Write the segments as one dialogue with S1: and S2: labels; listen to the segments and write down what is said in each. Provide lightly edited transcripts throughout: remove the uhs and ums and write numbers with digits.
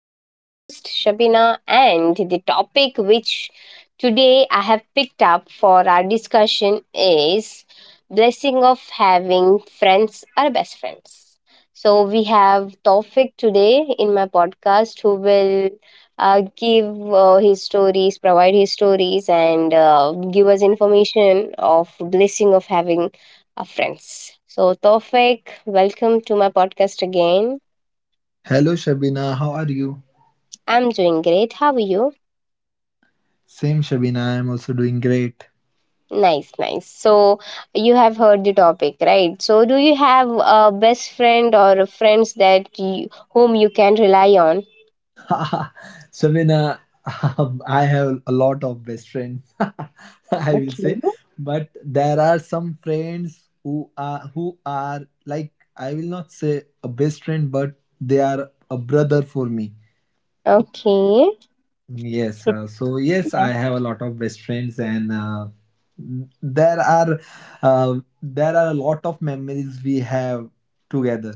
S1: I'm your host, Shabina, and the topic which today I have picked up for our discussion is blessing of having friends or best friends. So we have Tofik today in my podcast who will give his stories, provide his stories, and give us information of blessing of having our friends. So, Tofik, welcome to my podcast again.
S2: Hello Shabina, how are you?
S1: I'm doing great. How are you?
S2: Same Shabina, I am also doing great.
S1: Nice, nice. So, you have heard the topic, right? So, do you have a best friend or a friends whom you can rely on?
S2: Shabina, I have a lot of best friends, I will
S1: Okay.
S2: say, but there are some friends who are like I will not say a best friend, but they are a brother for me.
S1: Okay.
S2: Yes, so yes, I
S1: That-
S2: have a lot of best friends, and there are uh, there are a lot of memories we have together.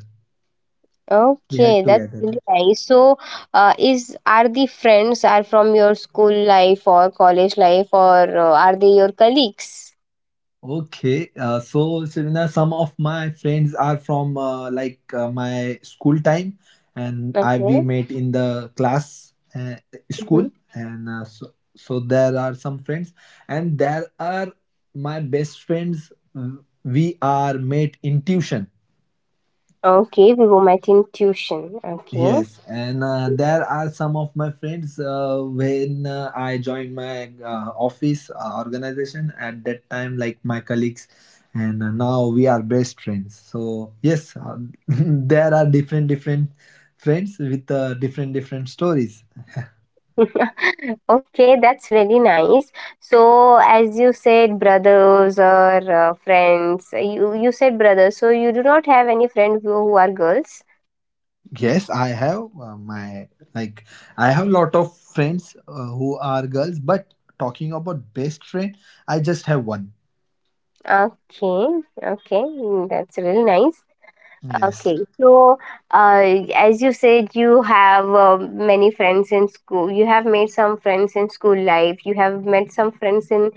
S2: We had
S1: Okay, that's
S2: together.
S1: really nice. So, is are the friends are from your school life or college life or are they your colleagues?
S2: Okay, so Serena, some of my friends are from like my school time, and I we
S1: Okay.
S2: met in the class school, and so there are some friends, and there are my best friends. We are met in tuition.
S1: Okay, Vivomatin tuition. Okay.
S2: Yes, and there are some of my friends when I joined my office organization at that time, like my colleagues, and now we are best friends. So yes, there are different friends with different stories.
S1: Okay, that's really nice. So, as you said, brothers or friends, you said brothers, so you do not have any friend who are girls.
S2: Yes, I have my like I have lot of friends who are girls, but talking about best friend, I just have one.
S1: Okay, okay, that's really nice.
S2: Yes,
S1: Okay, so uh, as you said, you have many friends in school. You have made some friends in school life. You have met some friends in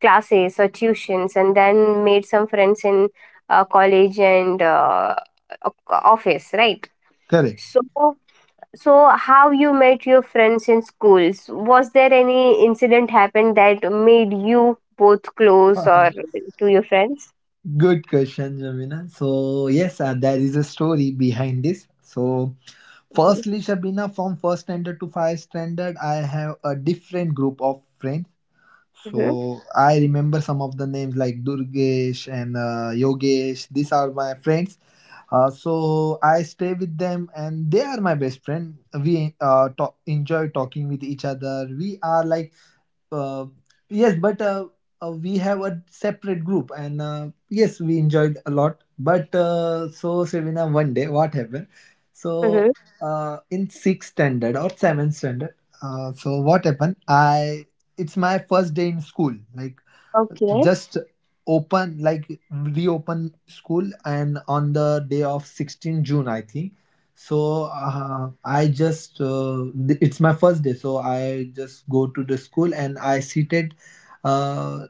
S1: classes or tuitions and then made some friends in college and office, right?
S2: correct.
S1: So so how you met your friends in schools, was there any incident happened that made you both close or to your friends?
S2: Good question, Shabina. So, yes, there is a story behind this. So,
S1: Mhm.
S2: firstly, Shabina, from first standard to five standard, I have a different group of friends.
S1: Mm-hmm.
S2: So, I remember some of the names like Durgesh and Yogesh. These are my friends. I stay with them and they are my best friend. We talk, enjoy talking with each other. We are like uh, yes, but we have a separate group, and yes, we enjoyed a lot. But so, Sevina, one day, what happened? So,
S1: Mm-hmm.
S2: in sixth standard or seventh standard, so what happened? I it's my first day in school, like
S1: Okay.
S2: just open like reopen school and on the day of 16th june, I think. So it's my first day, so I just go to the school and I seated uh,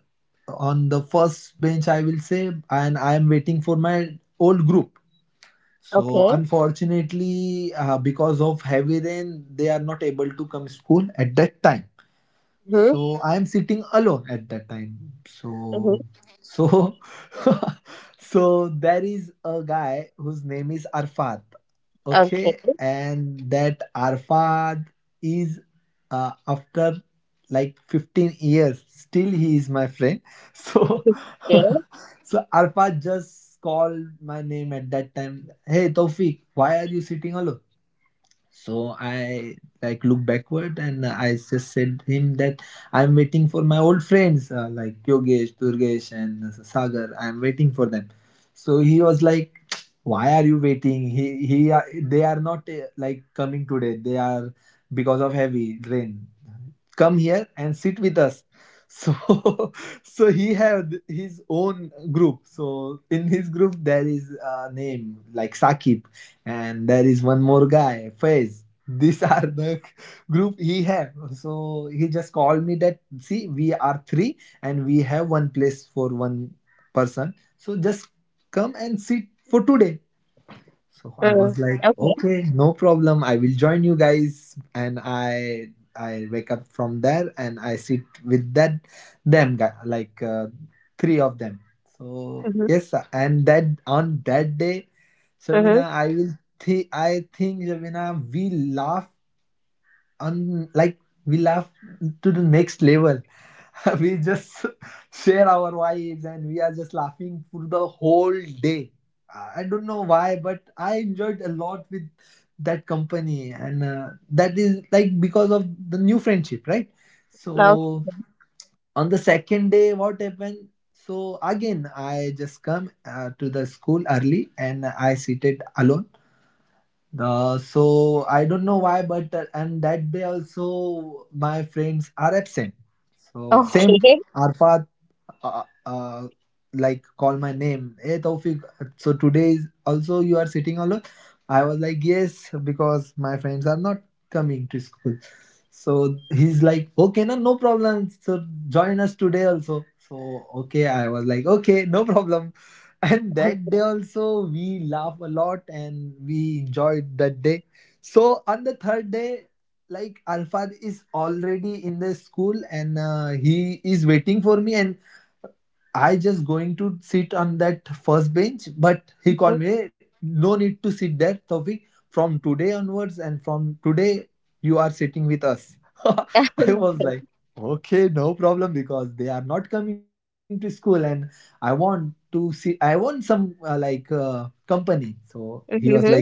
S2: on the first bench, I will say, and I am waiting for my old group. So
S1: Okay.
S2: unfortunately, because of heavy rain, they are not able to come school at that time.
S1: Mm-hmm.
S2: So I am sitting alone at that time.
S1: Mm-hmm.
S2: So so so there is a guy whose name is Arfat,
S1: Okay.
S2: okay? And that Arfat is, after like 15 years, still he is my friend. so
S1: Okay.
S2: so Arfat just called my name at that time, "Hey Tofik, why are you sitting alone?" So I like look backward and I just said him that I'm waiting for my old friends, like Yogesh, Durgesh, and Sagar, I'm waiting for them. So he was like, "Why are you waiting? They are not like coming today. They are because of heavy rain. Come here and sit with us." So so he had his own group. So in his group there is a name like Saqib, and there is one more guy Faiz. These are the group he have. So he just called me that, "See, we are three and we have one place for one person, so just come and sit for today." So
S1: Mm.
S2: I was like,
S1: Okay.
S2: okay, no problem. I will join you guys. And I wake up from there and I sit with that them guy, like three of them. So
S1: Mm-hmm.
S2: yes, sir, and that on that day,
S1: Mm-hmm.
S2: Shamina, I think Shamina, we laugh on like we laugh to the next level. We just share our vibes and we are just laughing for the whole day. I don't know why, but I enjoyed a lot with that company, and that is like because of the new friendship, right? So on the second day, what happened? So again, I just come to the school early, and I seated alone. So I don't know why, but and that day also my friends are absent. So same,
S1: Okay.
S2: Arfat uh, uh, uh, like call my name, "Hey Taufik, so today is also you are sitting alone?" I was like, "Yes, because my friends are not coming to school." So he's like, "Okay, no no problem, so join us today also." So okay, I was like okay, no problem. And that day also we laugh a lot and we enjoyed that day. So on the third day, like Alfad is already in the school and he is waiting for me, and I just going to sit on that first bench, but he called
S1: Okay.
S2: me, "Hey, no need to sit there, Taufik. From today onwards and from today, you are sitting with us." I was
S1: Okay.
S2: like, okay, no problem, because they are not coming to school, and I want some company. So he was like,
S1: Mm-hmm.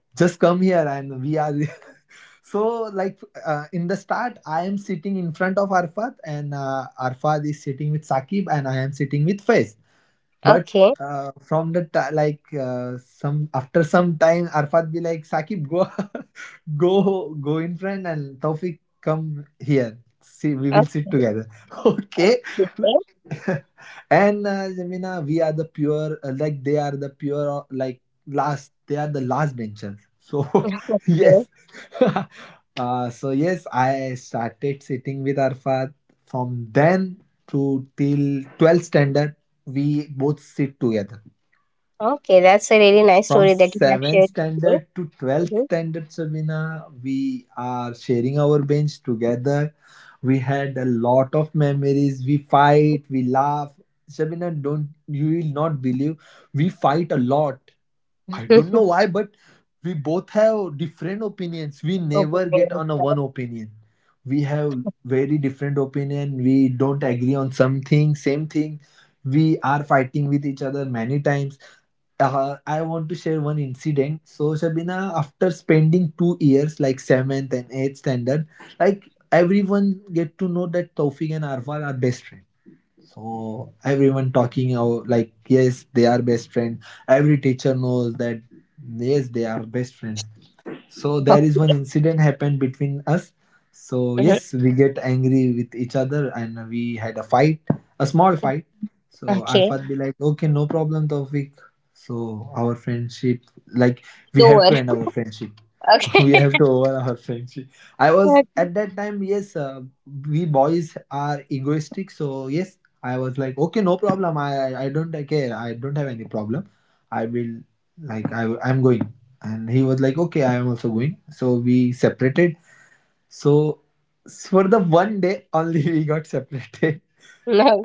S2: just come here and we are so like in the start I am sitting in front of Arfad, and Arfad is sitting with Saqib and I am sitting with Faiz. But
S1: Okay.
S2: from the ti like some after some time, Arfat be like, "Sakib, go, go, go in front, and Taufik come here. See, we will sit
S1: Okay.
S2: together." Okay.
S1: Okay.
S2: And Jamina, we are the pure, they are the pure, last, they are the last benchers. So
S1: Okay.
S2: yes. So yes, I started sitting with Arfat from then to till 12th standard. We both sit together.
S1: Okay, that's a really nice
S2: From
S1: story that you have
S2: 7th
S1: shared with me.
S2: standard to 12th standard, Sabina, we are sharing our bench together. We had a lot of memories. We
S1: Mm-hmm.
S2: fight, we laugh. Sabina, don't you will not believe, we fight a lot. I don't know why, but we both have different opinions. We
S1: Okay.
S2: never get on a
S1: I
S2: one opinion. We have very different opinion. We don't agree on something, same thing. We are fighting with each other many times. I want to share one incident. So Shabina, after spending 2 years, like seventh and eighth standard, like everyone get to know that Taufik and Arfan are best friends. So everyone talking out like yes, they are best friends. Every teacher knows that yes, they are best friends. So
S1: Oh,
S2: there is one incident happened between us. So
S1: mhm.
S2: yes, we get angry with each other and we had a fight, a small fight. So
S1: Okay.
S2: Arfat be like, "Okay, no problem Tawfiq, so our friendship, like we have
S1: Door.
S2: to end our friendship. We have
S1: Okay.
S2: to over our friendship." I was
S1: Okay.
S2: at that time, yes, we boys are egoistic, so yes, I was like, okay, no problem. I don't care. I don't have any problem. I will like I'm going. And he was like, okay, I am also going. So we separated. so for the one day only, we got separated.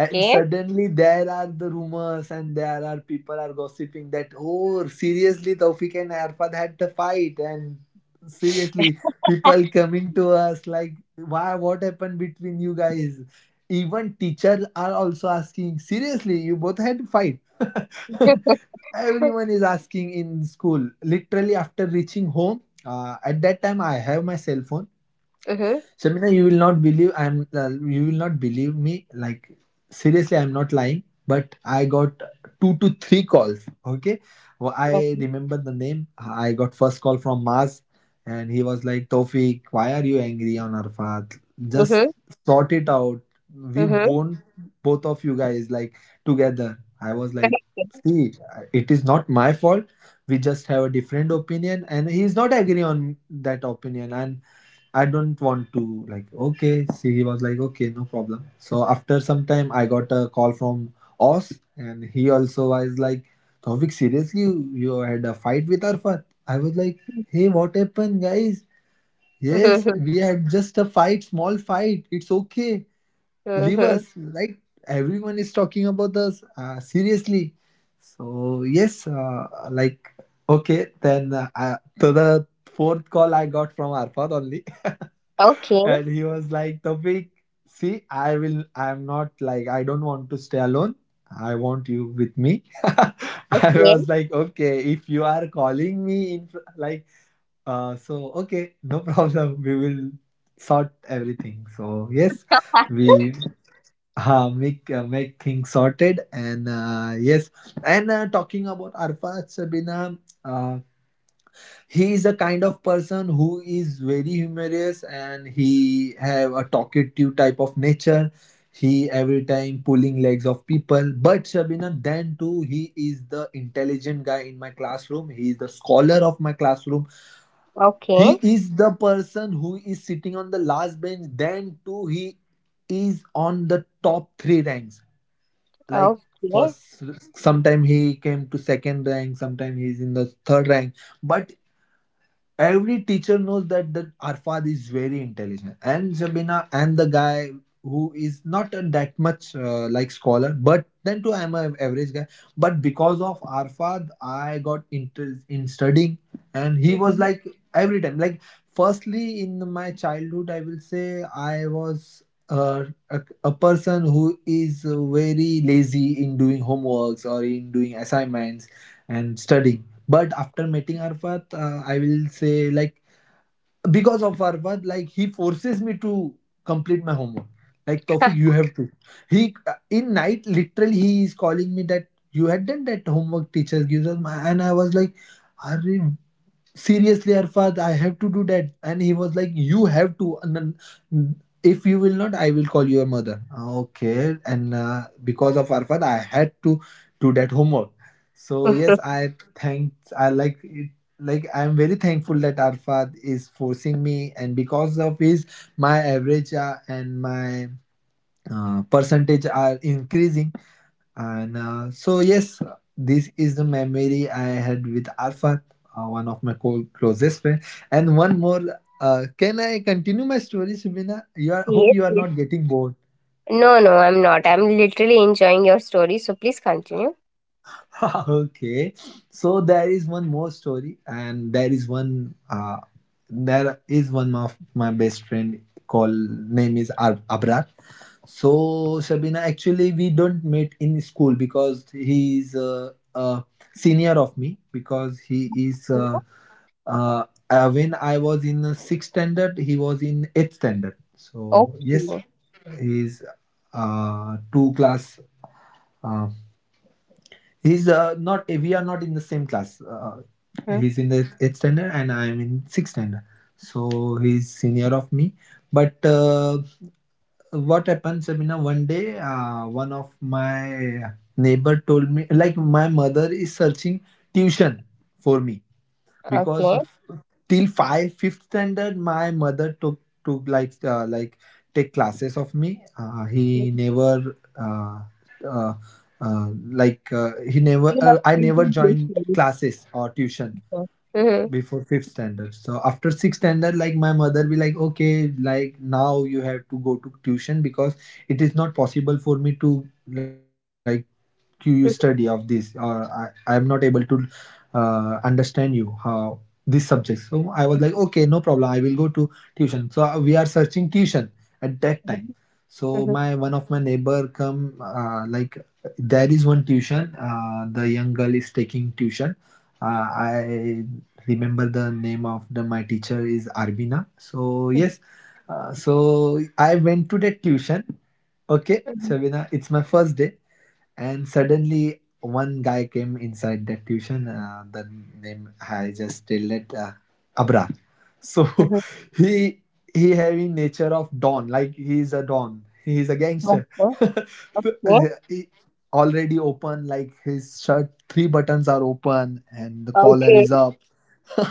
S2: And suddenly there are the rumors and there are people are gossiping that, oh seriously, Taufik and Arfad had the fight, and seriously people coming to us like, "Why, what happened between you guys?" Even teachers are also asking, "Seriously, you both had fight?" Everyone is asking in school literally. After reaching home, at that time I have my cell phone.
S1: Mm-hmm.
S2: Shamina, you will not believe I'm. You will not believe me. Like seriously, I'm not lying. But I got two to three calls. Okay, well, I remember the name. I got first call from Maz, and he was like, "Tofik, why are you angry on Arfat?
S1: Mm-hmm.
S2: Just sort it out. We
S1: Mm-hmm.
S2: won both of you guys like together." I was like,
S1: Okay.
S2: "See, it is not my fault. We just have a different opinion, and he's not agree on that opinion and." I don't want to like okay. See, he was like okay, no problem. So after some time, I got a call from Oz, and he also was like, "Tovik, seriously, you had a fight with Arfat?" I was like,
S1: Mm-hmm.
S2: "Hey, what happened, guys? Yes, we had just a fight, small fight. It's okay. Leave
S1: Mm-hmm.
S2: us. Like everyone is talking about us. Seriously." So yes, okay. Then to the fourth call I got from Arfat only.
S1: Okay.
S2: And he was like, "Tawfiq, see I will I'm not like I don't want to stay alone, I want you with me." I
S1: Okay.
S2: was like, "Okay, if you are calling me in fr- like so okay, no problem, we will sort everything." So yes,
S1: Ha.
S2: we make things sorted, and yes. And talking about Arfa, Sabina, he is a kind of person who is very humorous, and he have a talkative type of nature. He every time pulling legs of people, but Shabina, then too he is the intelligent guy in my classroom. He is the scholar of my classroom. He
S1: Okay.
S2: is the person who is sitting on the last bench, then too he is on the top three ranks. Like,
S1: Okay.
S2: first, sometime he came to second rank, sometime he is in the third rank. But every teacher knows that the Arfad is very intelligent, and Zabina, and the guy who is not a that much like scholar, but then too I'm an average guy. But because of Arfad, I got interest in studying, and he was
S1: Mm-hmm.
S2: like every time. Like, firstly, in my childhood, I will say I was. A person who is very lazy in doing homeworks or in doing assignments and studying. But after meeting Arfat, I will say, like, because of Arfat, like, he forces me to complete my homework. Like, "Tofik, you have to." He in night literally he is calling me that, "You had done that homework teacher gives us, my-" and I was like, "Arre, seriously Arfad, I have to do that." And he was like, "You have to, and then, if you will not, I will call your mother, okay?" And because of Arfad, I had to do that homework. So yes, I thanked, I like it. Like, I'm very thankful that Arfad is forcing me, and because of his, my average and my percentage are increasing. And so, yes, this is the memory I had with Arfat, one of my closest friends. And one more, can I continue my story, Subina? You are, hope
S1: Yes,
S2: you are
S1: yes.
S2: not getting bored.
S1: No, no, I'm not. I'm literally enjoying your story. So please continue.
S2: Okay, so there is one more story, and there is one of my best friend called name is Abrar. So, Shabina, actually, we don't meet in school because he is a senior of me. Because he is
S1: Mhm.
S2: uh, when I was in the sixth standard, he was in eighth standard. So yes,
S1: Okay.
S2: he is two class, uh, he's not. We are not in the same class.
S1: Mhm.
S2: He's in the eighth standard, and I am in sixth standard. So he's senior of me. But what happened, Sabina? One day, one of my neighbor told me, like, my mother is searching tuition for me,
S1: Okay.
S2: because of, till five fifth standard my mother took like, like, take classes of me. Uh, he
S1: You
S2: never
S1: know,
S2: I
S1: we
S2: never
S1: do this
S2: joined
S1: here
S2: classes or tuition
S1: before. Mhm.
S2: before fifth standard. So after sixth standard, like, my mother be like, "Okay, like, now you have to go to tuition because it is not possible for me to, like, to you study of this, or I am not able to understand you how this subject." So I was like, "Okay, no problem, I will go to tuition." So we are searching tuition at that time.
S1: Mhm.
S2: So
S1: Mhm.
S2: my one of my neighbor come, like, there is one tuition, the young girl is taking tuition. I remember, the name of the my teacher is Arvina. So yes, so I went to that tuition. Okay,
S1: Mhm.
S2: Shabina, it's my first day, and suddenly one guy came inside that tuition. The name I just tell it, Abra. So
S1: Mhm.
S2: he he having nature of don, like he is a don. He is a
S1: Uh,
S2: gangster.
S1: uh,
S2: So,
S1: yeah,
S2: he already open, like, his shirt three buttons are open and the collar
S1: okay.
S2: is up.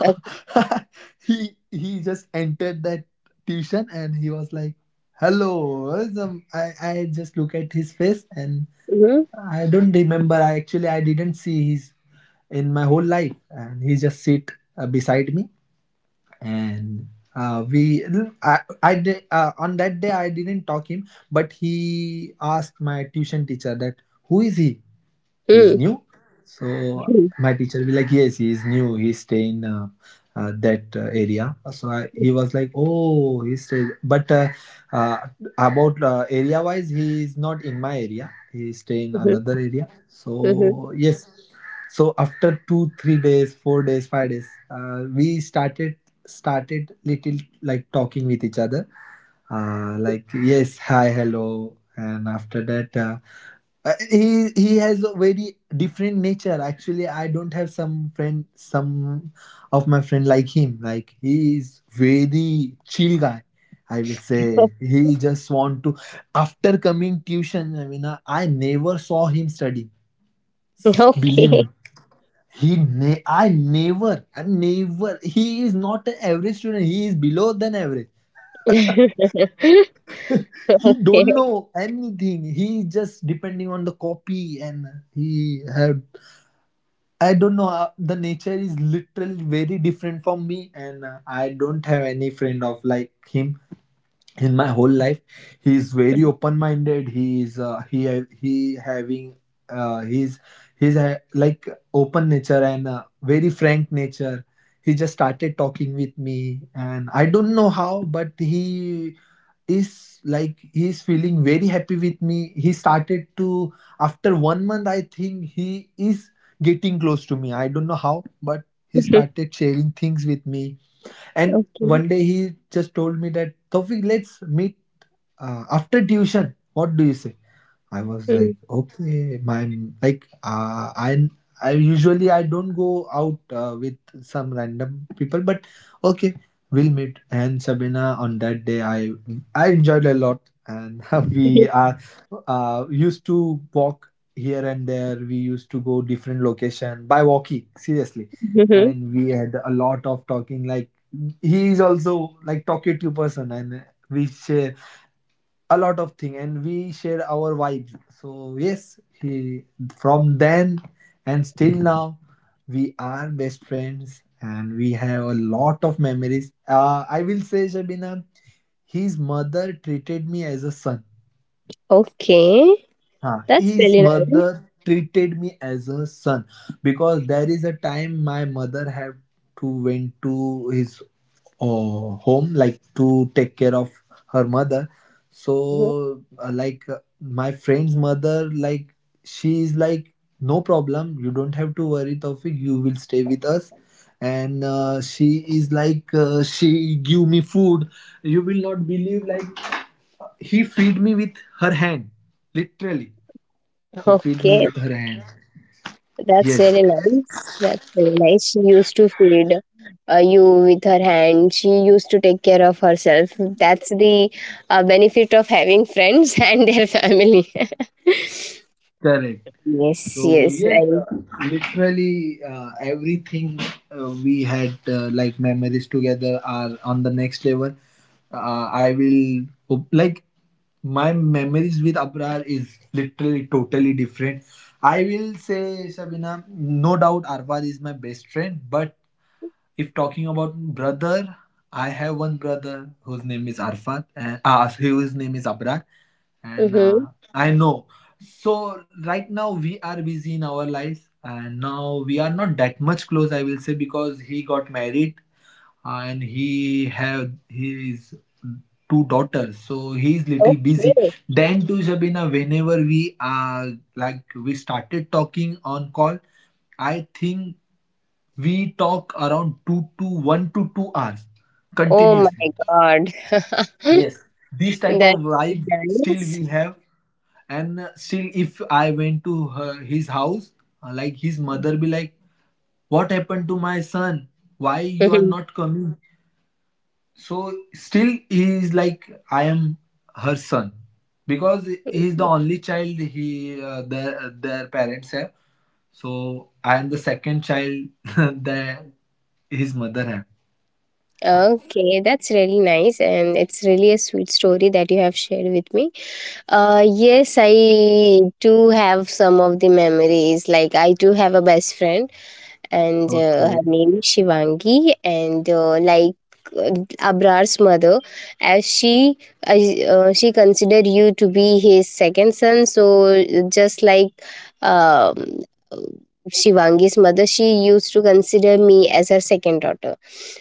S1: Uh,
S2: He just entered that tuition, and he was like, "Hello." I just look at his face and
S1: mhm.
S2: I don't remember. I actually I didn't see his in my whole life, and he just sit beside me and. We on that day I didn't talk him, but he asked my tuition teacher that, "Who is he?" He's
S1: Mm.
S2: new. So
S1: Mhm.
S2: my teacher be like, "Yes, he's new, he's staying that, area." So he was like, "Oh, he stay, but uh, about, area wise he is not in my area, he stay in
S1: Mhm.
S2: another area."
S1: Mhm.
S2: So yes, so after 2 3 days, 4 days, 5 days, we started little, like, talking with each other. Like, yes, hi, hello, and after that, he has a very different nature. Actually, I don't have some friend, some of my friend like him, like he is very chill guy. I will say, he just want to after coming tuition, I mean, I never saw him study, believe
S1: Okay.
S2: me. He ne- I never I never He is not an average student, he is below than average. He
S1: Okay.
S2: don't know anything, he is just depending on the copy and he have, I don't know. The nature is literally very different from me, and I don't have any friend of like him in my whole life. He is very
S1: Mhm.
S2: open-minded. He is he having, uh, he's he's like, open nature, and very frank nature. He just started talking with me, and I don't know how, but he is like, he's feeling very happy with me. He started to, after one month I think he is getting close to me, I don't know how, but he started sharing things with me. And
S1: Okay.
S2: one day, he just told me that, "Tofik, let's meet after tuition, what do you say?" I was
S1: Mhm.
S2: like, "Okay, my, like uh, I I usually I don't go out with some random people, but okay, we'll meet." And Sabina, on that day, I enjoyed a lot, and
S1: Mhm.
S2: we are used to walk here and there. We used to go different location by walking, seriously.
S1: Mhm.
S2: And we had a lot of talking. Like, he is also like talkative person, and we share a lot of thing, and we share our vibes. So yes, he from then, and still now, we are best friends, and we have a lot of memories. I will say, Shabina, his mother treated me as a son.
S1: Okay.
S2: Huh.
S1: That's
S2: His
S1: really nice.
S2: mother treated me as a son because there is a time my mother had to went to his uh, home, like, to take care of her mother.
S1: Mhm.
S2: So like, my friend's mother, like, she is like, "No problem, you don't have to worry, Taufik, you will stay with us." And she is like, she give me food, you will not believe. Like, he feed me with her hand, literally, he feed me with
S1: Okay.
S2: her hand.
S1: That's
S2: Yes.
S1: really nice. That's really nice. She used to feed you with her hand. She used to take care of herself. That's the benefit of having friends and their family.
S2: Correct.
S1: Yes,
S2: So
S1: yes.
S2: yes, literally everything, we had, like, memories together are on the next level. Like, my memories with Abrar is literally totally different. I will say, Sabina, no doubt Arfad is my best friend, but if talking about brother, I have one brother whose name is Arfat, and his name is Abrar, and
S1: Mm-hmm.
S2: I know. So right now we are busy in our lives, and now we are not that much close. I will say, because he got married, and he have his two daughters, so he's little busy.
S1: Okay.
S2: Then too, Shabina, whenever we are like, we started talking on call, I think we talk around 2 to 1 to 2 hours
S1: Oh
S2: continuously.
S1: my God.
S2: Yes. This type of
S1: That's
S2: vibe still
S1: nice.
S2: we have. And still if I went to her, his house, like, his mother be like, "What happened to my son? Why you are
S1: Mhm.
S2: not coming?" So still he is like, "I am her son." Because he is the only child he their parents have. So I am the second child that his mother have.
S1: Okay, that's really nice. And it's really a sweet story that you have shared with me. Yes, I do have some of the memories. Like, I do have a best friend and
S2: Okay.
S1: her name is Shivangi. And like uh, Abrar's mother, as she as, she considered you to be his second son, so just like um, Shivangi's mother, she used to consider me as her second daughter.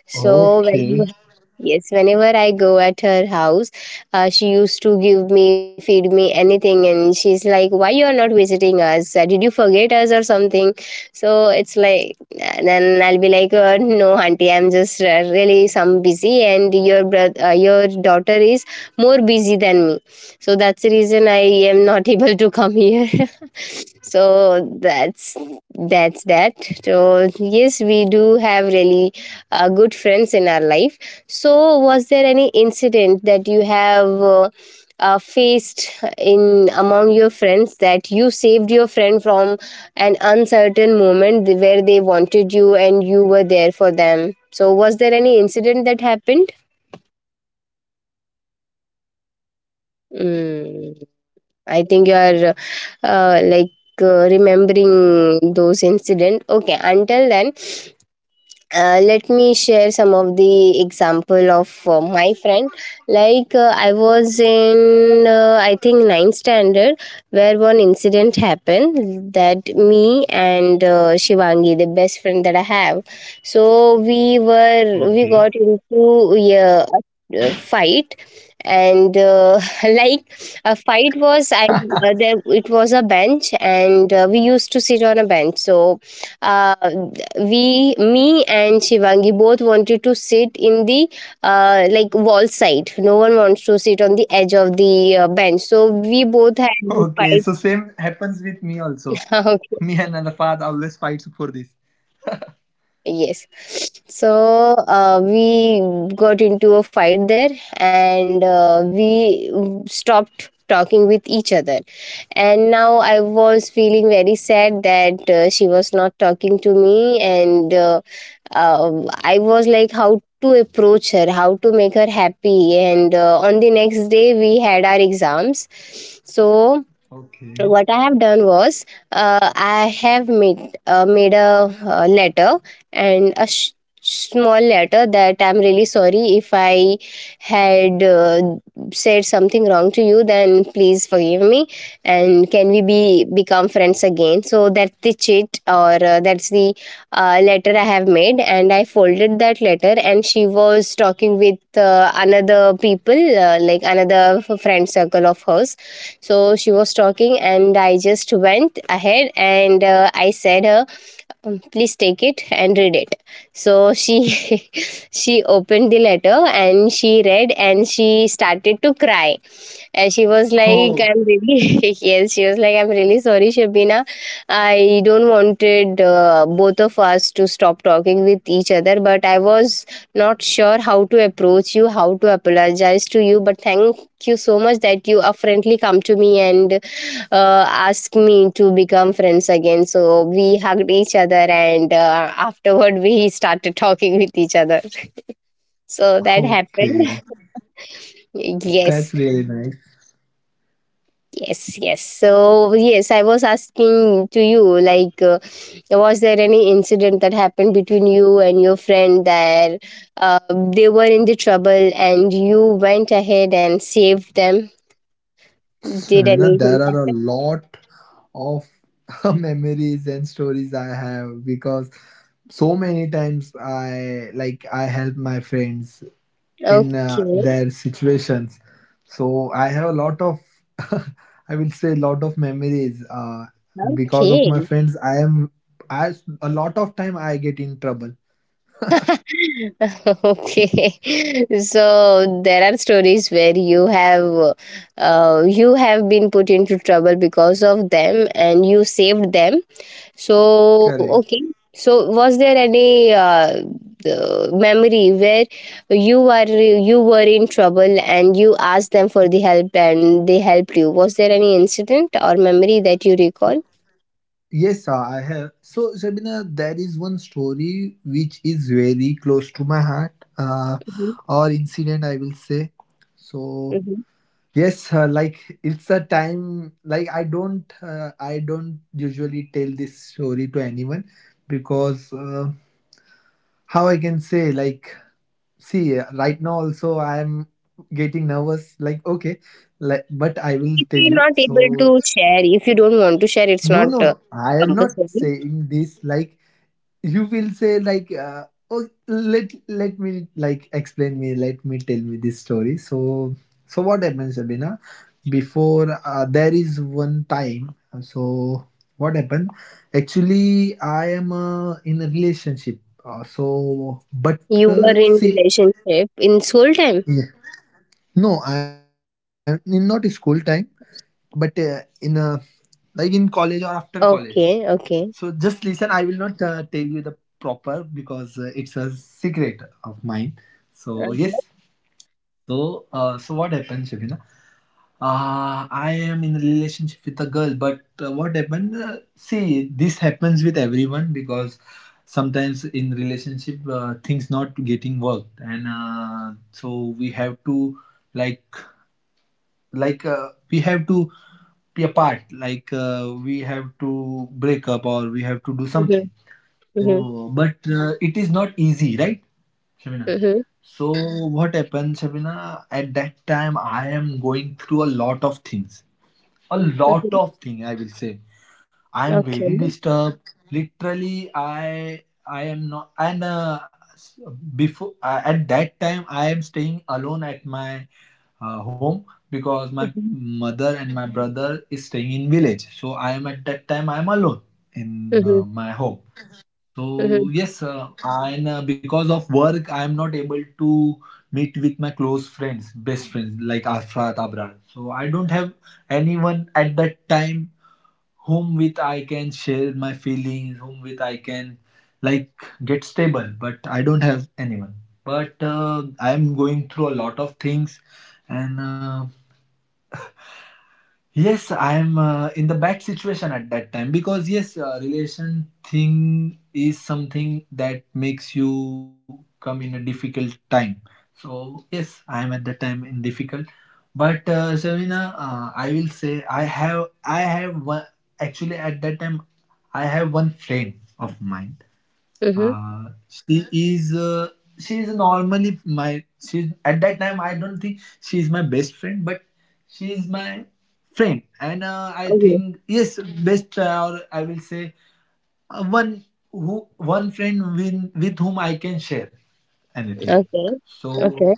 S1: So
S2: Okay.
S1: when yes, whenever I go at her house, she used to give me, feed me anything, and she's like, "Why you are not visiting us? Did you forget us or something?" So it's like and then I'll be like, "No, auntie, I'm just really some busy, and your daughter is more busy than me, so that's the reason I am not able to come here." So that's that. So yes, we do have really good friends in our life. So was there any incident that you have, faced in among your friends that you saved your friend from an uncertain moment where they wanted you and you were there for them, so was there any incident that happened? mm, I think you are like remembering those incident. Okay, until then let me share some of the example of my friend. Like I was in I think ninth standard where one incident happened that me and Shivangi, the best friend that I have. So
S2: Okay.
S1: we got into yeah, a fight, and like a fight was I there, it was a bench and we used to sit on a bench. So uh, we me and Shivangi both wanted to sit in the like wall side. No one wants to sit on the edge of the bench, so we
S2: Okay.
S1: both
S2: So
S1: had the
S2: same
S1: fight.
S2: happens with me also. Me and Arafat
S1: Okay.
S2: always fight for this.
S1: Yes. So we got into a fight there, and we stopped talking with each other. And now I was feeling very sad that she was not talking to me. And I was like, how to approach her, how to make her happy. And on the next day, we had our exams. So
S2: Okay.
S1: what I have done was I have made a letter and a small letter that I'm really sorry if I had said something wrong to you. Then please forgive me, and can we be become friends again? So that's the chit, or that's the letter I have made, and I folded that letter, and she was talking with another people like another friend circle of hers. So she was talking, and I just went ahead and I said her, Please take it and read it." So she she opened the letter, and she read, and she started to cry, and she was like,
S2: Oh.
S1: I'm really, yes, she was like, I'm really sorry, Shabina. I don't wanted both of us to stop talking with each other, but I was not sure how to approach you, how to apologize to you. But thank you so much that you friendly come to me and ask me to become friends again. So we hugged each other, and afterward, we started talking with each other. So that
S2: Okay.
S1: happened.
S2: That's
S1: Yes.
S2: really nice.
S1: Yes, yes. So, yes, I was asking to you, like, was there any incident that happened between you and your friend that uh, they were in the trouble and you went ahead and saved them? Did
S2: Shravana, there
S1: anything
S2: are a
S1: happen?
S2: lot of memories and stories I have, because so many times I help my friends in
S1: Okay,
S2: their situations. So I have a lot of, I will say, lot of memories. Because of my
S1: okay.
S2: friends, I am I a lot of time I get in trouble.
S1: Okay. So there are stories where you have been put into trouble because of them and you saved them. So,
S2: Correct.
S1: okay. So, was there any the memory where you were in trouble and you asked them for the help and they helped you? Was there any incident or memory that you
S2: So,
S1: recall?
S2: yes, sir, I have. So, Shabina, there is one story which is very close to my heart,
S1: Hmm.
S2: or incident, I will say. So,
S1: Hmm.
S2: yes, like, it's a time. Like, I don't usually tell this story to anyone because how I can say, like, see, right now also I am getting nervous. Like, okay, like, but I
S1: If
S2: will tell
S1: you're not
S2: you.
S1: able to
S2: So,
S1: share, if you don't want to share, it's
S2: no,
S1: not
S2: no, no, I am not
S1: compulsory.
S2: saying this like you will say like, oh, let me, like, explain me, let me tell me this story. So so what happens, Sabina? Before, there is one time. So what happened? Actually I am in a relationship, so but
S1: You were in
S2: see,
S1: relationship in school time.
S2: yeah. No, I'm in not school time, but in like in college or after college.
S1: Okay,
S2: So just
S1: okay.
S2: listen, I will not tell you the proper because it's a secret of mine. So yes.
S1: Mm-hmm.
S2: So what happened, Shabina? I am in a relationship with a girl, but what happened? See, this happens with everyone because sometimes in relationship things not getting worked, and so we have to like we have to be apart, like we have to break up or we have to do something.
S1: Mm-hmm.
S2: Oh, but it is not easy, right, Shabina?
S1: Mm-hmm.
S2: So what happened, Shabina? At that time, I am going through a lot of things, a lot of thing, I will say. I'm very
S1: Okay.
S2: disturbed. Literally, I am not. And s- before at that time, I am staying alone at my home because my
S1: Mm-hmm.
S2: mother and my brother is staying in village. So I am, at that time I am alone in
S1: Mm-hmm.
S2: my home. So
S1: Mm-hmm.
S2: yes, and because of work, I am not able to meet with my close friends, best friends like Afra, Abrar. So I don't have anyone at that time whom with I can share my feelings, whom with I can like get stable. But I don't have anyone. But I'm going through a lot of things, and yes, I'm in the bad situation at that time because yes, relation thing is something that makes you come in a difficult time. So yes, I am at that time in difficult. But Shavina, I will say I have one, actually at that time I have one friend of mine. She is normally my, she's at that time I don't think she is my best friend, but she is my friend, and I
S1: Mm-hmm.
S2: think yes, best or I will say one who one friend with whom I can share anything.
S1: Okay.
S2: So
S1: Okay.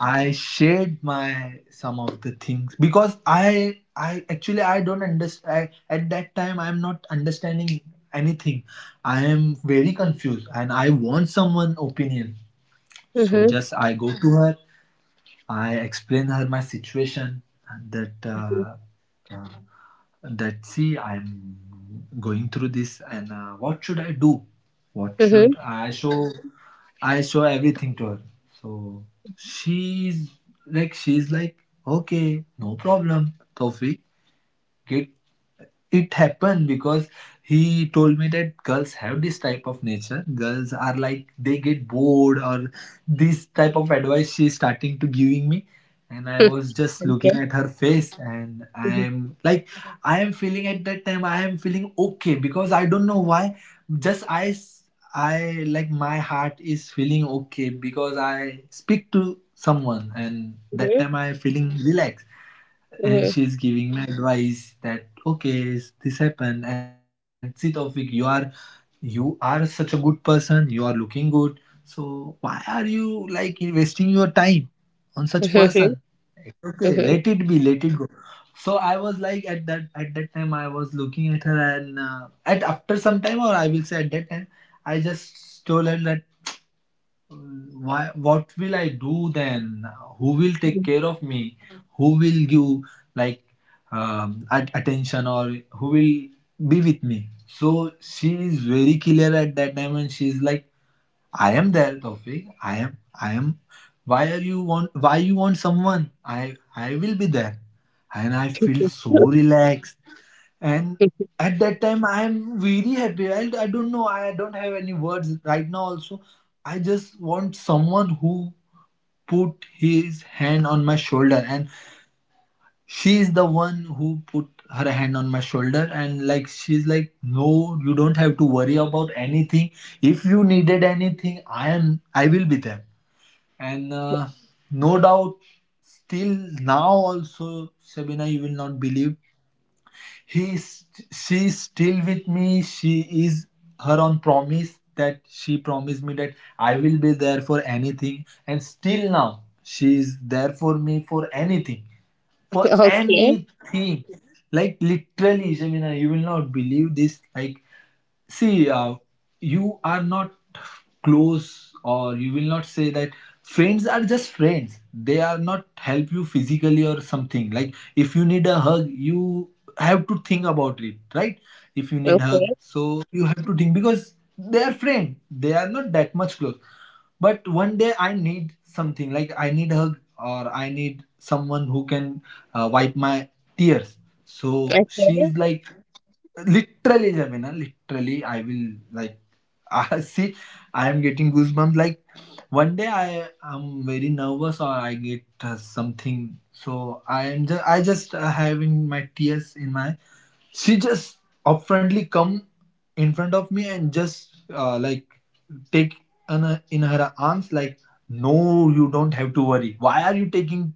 S2: I shared my some of the things because I actually I don't understand, at that time I'm not understanding anything. I am very confused and I want someone opinion. So
S1: Mhm.
S2: just I go to her. I explain her my situation that
S1: Mhm.
S2: uh, that see, I'm going through this, and what should I do? What
S1: Mhm. Hmm.
S2: should I show? I show everything to her. So she's like she's like, okay, no problem, Tawfiq, get it happened because he told me that girls have this type of nature, girls are like they get bored, or this type of advice she's starting to giving me, and I was just
S1: Okay.
S2: looking at her face, and I
S1: Mhm.
S2: am like, I am feeling, at that time I am feeling okay because I don't know why. Just I like my heart is feeling okay because I speak to someone, and that
S1: Mhm.
S2: time I feeling relaxed. And she's giving me advice that okay, this happened, and see Tawfiq, you are such a good person, you are looking good, so why are you like wasting your time on such
S1: Mhm.
S2: person?
S1: Mhm.
S2: Okay, let it be, let it go. So I was like, at that time I was looking at her, and at after some time, or I will say at that time, I just told her that, why, what will I do then? Who will take
S1: Mhm.
S2: care of me? Who will give, like, attention, or who will be with me? So she is very clear at that time, and she is like, I am there, Tawfiq. I am, why are you want, why you want someone, I will be there. And I feel so relaxed. And at that time, I am very happy. I don't know. I don't have any words right now. Also, I just want someone who put his hand on my shoulder, and she is the one who put her hand on my shoulder, and like she's like, no, you don't have to worry about anything. If you needed anything, I am, I will be there. And no doubt, still now also, Sabina, you will not believe. He's she's still with me. She is, her on promise that she promised me that I will be there for anything, and still now she is there for me for anything, for
S1: Okay.
S2: anything. Like literally, Jamina, you will not believe this. Like see, you are not close, or you will not say that friends are just friends. They are not help you physically or something. Like if you need a hug, you have to think about it, right? If you need
S1: Okay.
S2: hug, so you have to think because they are friend. They are not that much close. But one day I need something like I need hug or I need someone who can wipe my tears. So she's like. Literally, Jamina, literally, I will like. I see, I am getting goosebumps. Like one day, I am very nervous or I get something. So I am just, I just having my tears in my. She just upfrontly come in front of me and just like take in her arms, like, no, you don't have to worry, why are you taking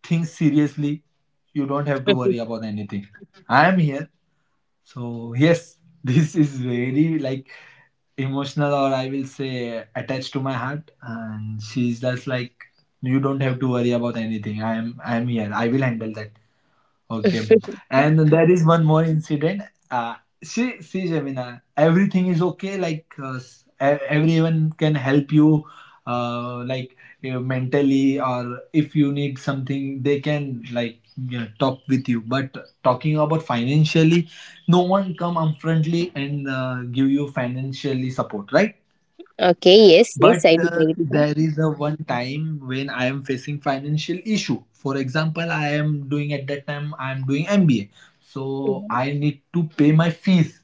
S2: things seriously, you don't have to
S1: Okay.
S2: worry about anything, I am here. So yes, this is very like emotional, or I will say attached to my heart, and she's just like, you don't have to worry about anything. I am here. I will handle that. Okay. And there is one more incident. Uh, see, Jamina, everything is okay. Like everyone can help you, like mentally, or if you need something, they can like talk with you. But talking about financially, no one come upfrontly and give you financially support, right?
S1: Okay. Yes.
S2: But
S1: Yes. I do agree with that.
S2: there is a one time when I am facing financial issue. For example, I am doing, at that time I am doing MBA, so
S1: Mhm.
S2: I need to pay my fees.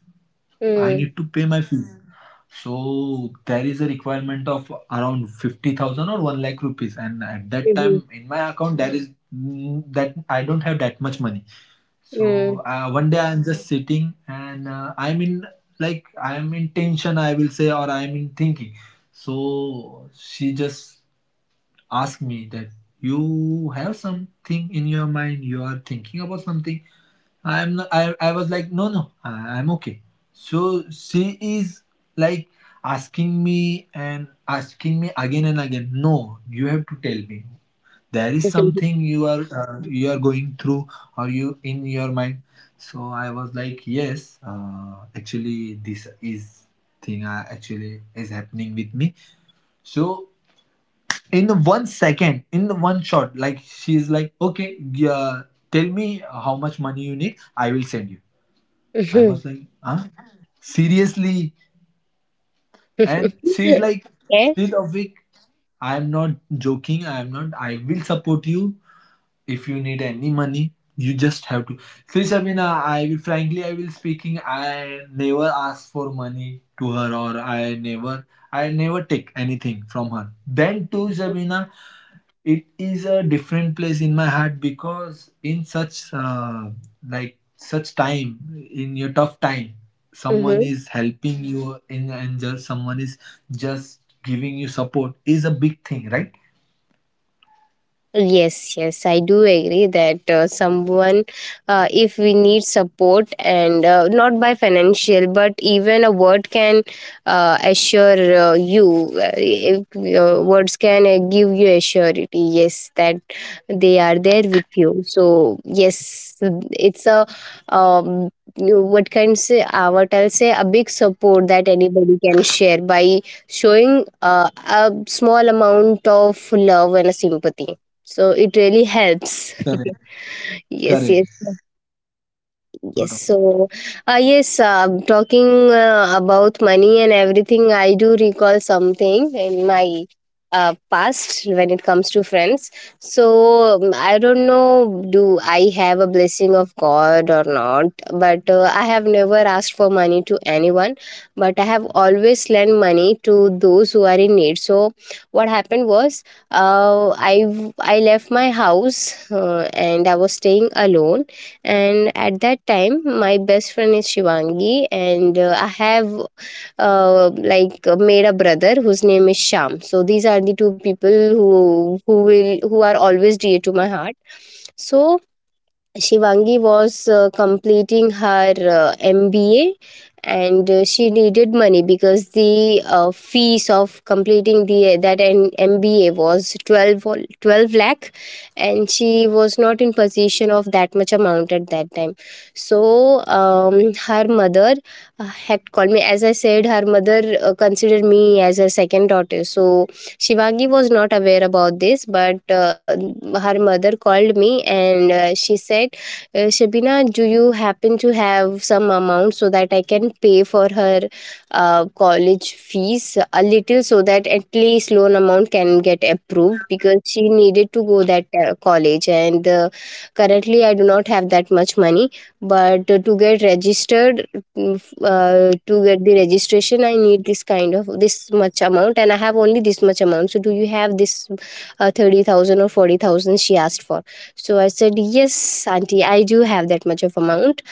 S2: I
S1: Mm.
S2: need to pay my fees. Hmm. So there is a requirement of around 50,000 or 1 lakh rupees, and at that time
S1: Mhm.
S2: in my account there is that I don't have that much money. So
S1: Mm.
S2: uh, one day I'm just sitting, and I'm in tension, I will say, or I'm in thinking. So she just asked me that, you have something in your mind, you are thinking about something. I'm not, I was like, no, no, I'm okay. So she is like asking me and asking me again and again, no, you have to tell me, there is something you are going through, or you in your mind. So I was like, yes, actually this is thing actually is happening with me. So in one second, in the one shot, like she's like, okay, yeah, tell me how much money you need, I will send you. I
S1: Mhm.
S2: was like, huh, seriously? And she's like,
S1: Okay.
S2: still a week, I am not joking, I am not, I will support you. If you need any money, you just have to. See, Shabina, I will frankly, I will speaking, I never ask for money to her, or I never take anything from her. Then too, Shabina, it is a different place in my heart because in such like such time, in your tough time, someone
S1: Mhm.
S2: is helping you in, and just someone is just giving you support is a big thing, right?
S1: Yes, yes, I do agree that someone, if we need support and not by financial, but even a word can assure you, if, words can give you assurity, yes, that they are there with you. So, yes, it's a, um, what I'll say, a big support that anybody can share by showing a small amount of love and a sympathy. So it really helps.
S2: Correct. Correct.
S1: Yes, yes.
S2: No
S1: Yes, so yes, talking about money and everything, I do recall something in my past when it comes to friends. So I don't know, do I have a blessing of God or not? But I have never asked for money to anyone, but I have always lent money to those who are in need. So what happened was, I left my house and I was staying alone, and at that time my best friend is Shivangi. And I have made a brother whose name is Sham. So these are the two people who will who are always dear to my heart. So Shivangi was completing her MBA, and she needed money because the fees of completing the that an MBA was 12 lakh, and she was not in position of that much amount at that time. So her mother had called me. As I said, her mother considered me as her second daughter. So Shivangi was not aware about this, but her mother called me and she said, Shabina, do you happen to have some amount so that I can pay for her college fees a little, so that at least loan amount can get approved, because she needed to go that college. And currently I do not have that much money, but to get registered, to get the registration I need this kind of this much amount, and I have only this much amount, so do you have this 30,000 or 40,000? She asked for. So I said, Yes, Auntie, I do have that much of amount.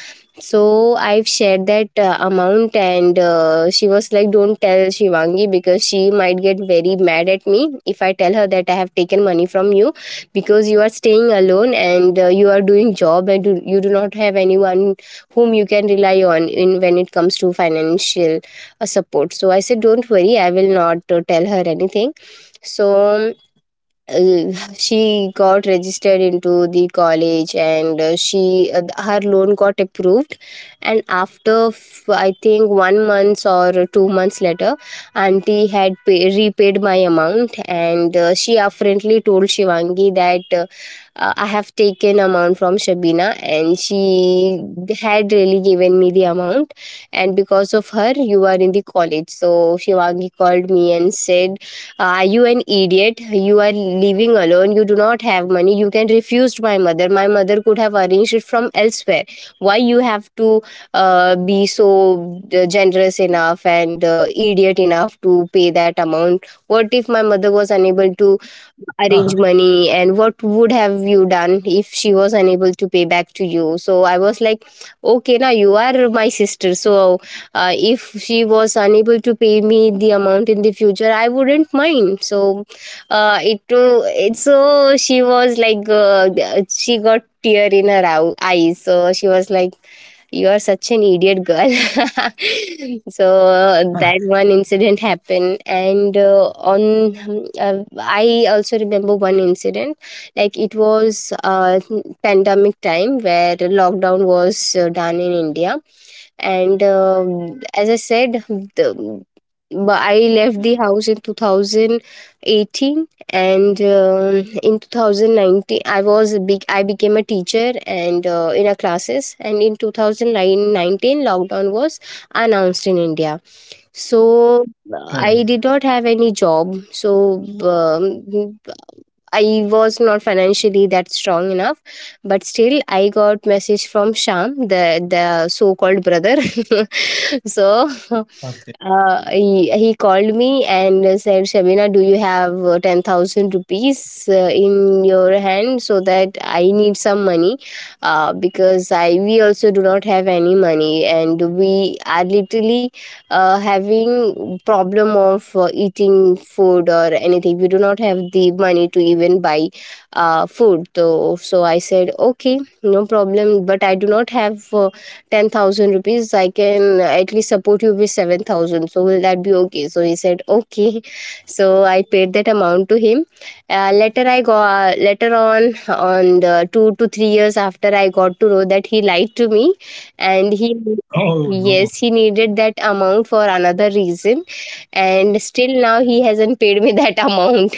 S1: So I've shared that amount, and she was like, Don't tell Shivangi, because she might get very mad at me if I tell her that I have taken money from you, because you are staying alone and you are doing job and you do not have anyone whom you can rely on in when it comes to financial support. So I said, Don't worry, I will not tell her anything. So um, she got registered into the college, and she her loan got approved. And after I think 1 month or 2 months later, auntie had repaid my amount. And she apparently told Shivangi that I have taken amount from Shabina, and she had really given me the amount, and because of her you are in the college. So Shivangi called me and said, are you an idiot? You are living alone, you do not have money. You can refuse my mother. My mother could have arranged it from elsewhere. Why you have to be so generous enough and idiot enough to pay that amount? What if my mother was unable to
S2: doubt.
S1: arrange money, and what would have you done if she was unable to pay back to you? So I was like, okay, now you are my sister. So if she was unable to pay me the amount in the future, I wouldn't mind. So it it so she was like, she got tear in her eyes. So she was like, you are such an idiot girl. So that one incident happened. And on I also remember one incident. Like it was pandemic time where lockdown was done in India. And as I said, the, but I left the house in 2018. And in 2019 I became a teacher, and in our classes. And in 2019 lockdown was announced in India. So
S2: Correct.
S1: I did not have any job. So um, I was not financially that strong enough, but still I got message from Sham, the so called brother. So
S2: Okay.
S1: he called me and said, Shabina, do you have 10,000 rupees in your hand, so that I need some money, because I we also do not have any money, and we are literally having problem of eating food or anything. We do not have the money to even buy food. So I said, okay, no problem, but I do not have 10,000 rupees, I can at least support you with 7,000. So will that be okay? So he said okay. So I paid that amount to him. Later I got later on the 2 to 3 years after I got to know that he lied to me, and he
S2: Oh no.
S1: yes, he needed that amount for another reason, and still now he hasn't paid me that amount.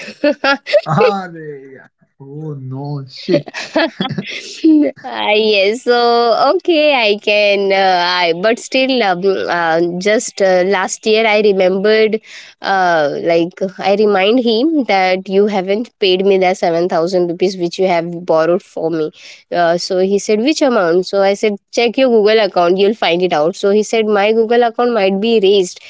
S2: Ah, yeah. Oh no. Shit.
S1: uh, yes. So okay, I can I but still, uh, just last year I remembered, uh, like I remind him that you haven't paid me the 7,000 rupees which you have borrowed for me. So he said, which amount? So I said, check your Google account, you'll find it out. So he said, my Google account might be erased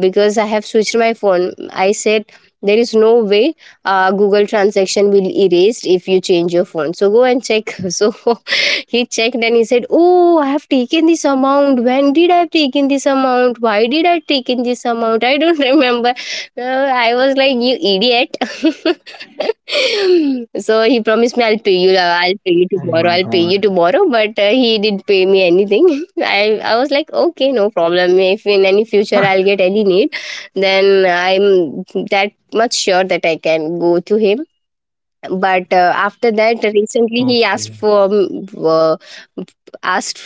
S1: because I have switched my phone. I said, there is no way Google transaction will erased if you change your phone, so go and check. So he checked and he said, oh, I have taken this amount, when did I have taken this amount, why did I taken this amount, I don't remember. I was like, you idiot. So he promised me, I'll pay you,
S2: Oh my god.
S1: I'll pay you tomorrow. But he didn't pay me anything. i I was like, okay, no problem, if in any future I'll get any need, then I'm that much sure that I can go to him. But after that, recently
S2: Okay.
S1: he asked for, asked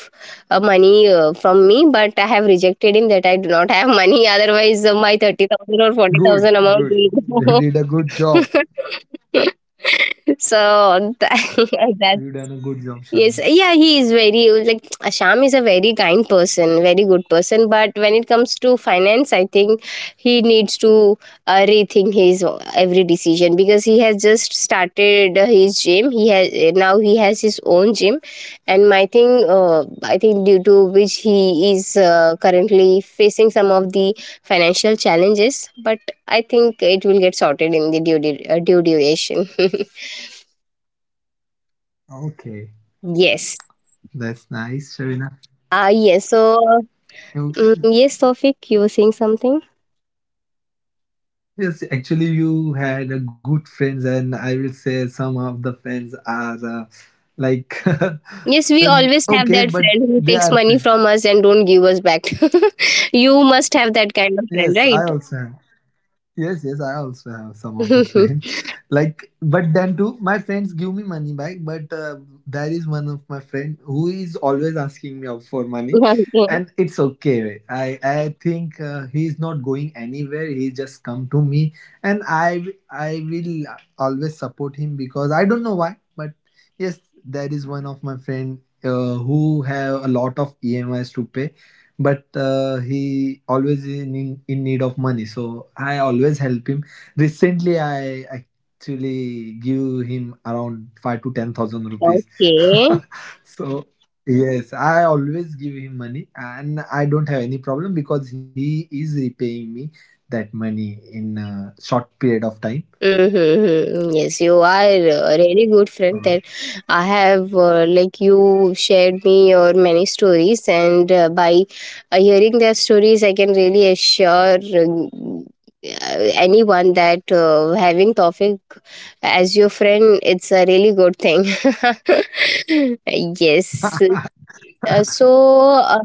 S1: money from me, but I have rejected him that I do not have money. Otherwise, my 30,000 or
S2: Good.
S1: 40,000
S2: Good.
S1: amount will
S2: You did a
S1: go.
S2: good job.
S1: so that,
S2: You done a
S1: that
S2: good job, Sharna.
S1: Yes, yeah, he is very like Asham is a very kind person, very good person. But when it comes to finance, I think he needs to rethink his every decision, because he has just started his gym. He has his own gym, and my thing, I think due to which he is currently facing some of the financial challenges. But I think it will get sorted in the due due duration.
S2: Okay.
S1: Yes.
S2: That's nice, Sharina.
S1: Ah yes, so,
S2: You,
S1: Yes, Tofik, you were saying something.
S2: yes, actually, you had a good friends, and I will say some of the friends are like, and,
S1: Yes, we
S2: okay,
S1: always
S2: but
S1: have that
S2: they are
S1: friend who
S2: friends.
S1: takes money from us and don't give us back. You must have that
S2: Yes,
S1: kind
S2: I
S1: of
S2: also
S1: friend,
S2: have.
S1: right?
S2: Yes, yes, I also have some of the friends. Like, but then too, my friends give me money back. But there is one of my friend who is always asking me out for money,
S1: Okay.
S2: and it's okay, right? I think he is not going anywhere. He just come to me, and I will always support him because I don't know why. But yes, there is one of my friend who have a lot of EMIs to pay, but he always in need of money, so I always help him. Recently, I actually give him around 5 to 10,000 rupees.
S1: Okay.
S2: So yes, I always give him money, and I don't have any problem because he is repaying me that money in a short period of time.
S1: Mm-hmm. Yes, you are a really good friend, that
S2: So,
S1: I have, you shared me your many stories, and by hearing their stories, I can really assure uh, anyone that having Tawfiq as your friend, it's a really good thing. Yes. Uh, so, uh,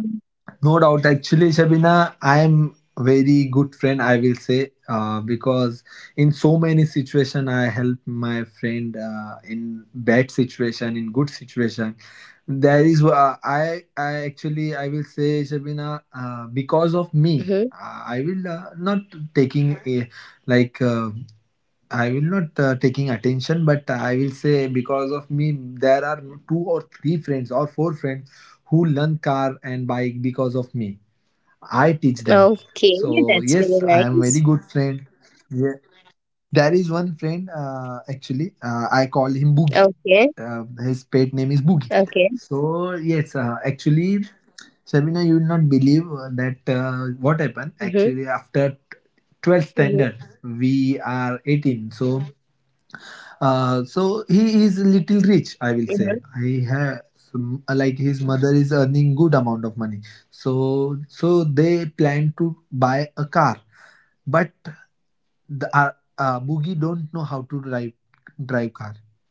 S2: no doubt. Actually, Shabina, I am very good friend. I will say because in so many situation, I help my friend in bad situation, in good situation. There is I will say, Shabina, because of
S1: mhm.
S2: me. I will not taking a, like I will not taking attention, but I will say because of me, there are two or three friends or four friends who learn car and bike because of me. I teach them.
S1: Okay, that's
S2: So
S1: really
S2: yes, I
S1: nice.
S2: am very good friend. Yeah. There is one friend actually. I call him Boogie.
S1: Okay,
S2: His pet name is Boogie.
S1: okay.
S2: So yes, actually, Shabina, you will not believe that what happened.
S1: Mm-hmm.
S2: Actually, after
S1: Mm-hmm.
S2: 12th standard, we are 18. So so he is little rich, I
S1: Mm-hmm.
S2: will say. He has like his mother is earning good amount of money. So they plan to buy a car, but the Boogie don't know how to drive car.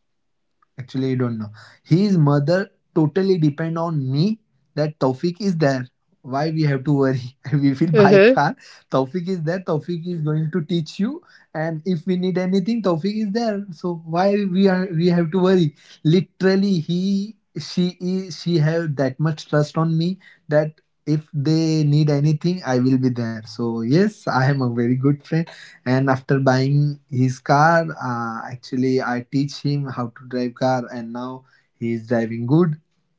S2: Actually, I don't know. His mother totally depend on me, that Taufik is there. Why we have to worry? We will
S1: Mm-hmm.
S2: buy car. Taufik is there. Taufik is going to teach you. And if we need anything, Taufik is there. So why we have to worry? Literally, he she is she have that much trust on me that if they need anything, I will be there. So yes, I am a very good friend, and after buying his car, actually I teach him how to drive car, and now he is driving good.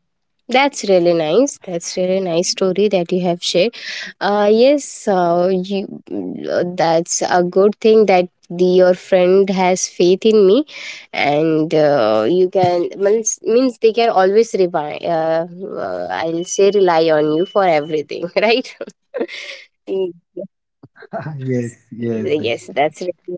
S1: That's really nice. That's really nice story that you have shared. Yes, that's a good thing that, your friend has faith in me, and you can means they can always rely. I'll say rely on you for everything, right? Mm,
S2: Yes,
S1: yes,
S2: yes,
S1: that's
S2: actually.
S1: really.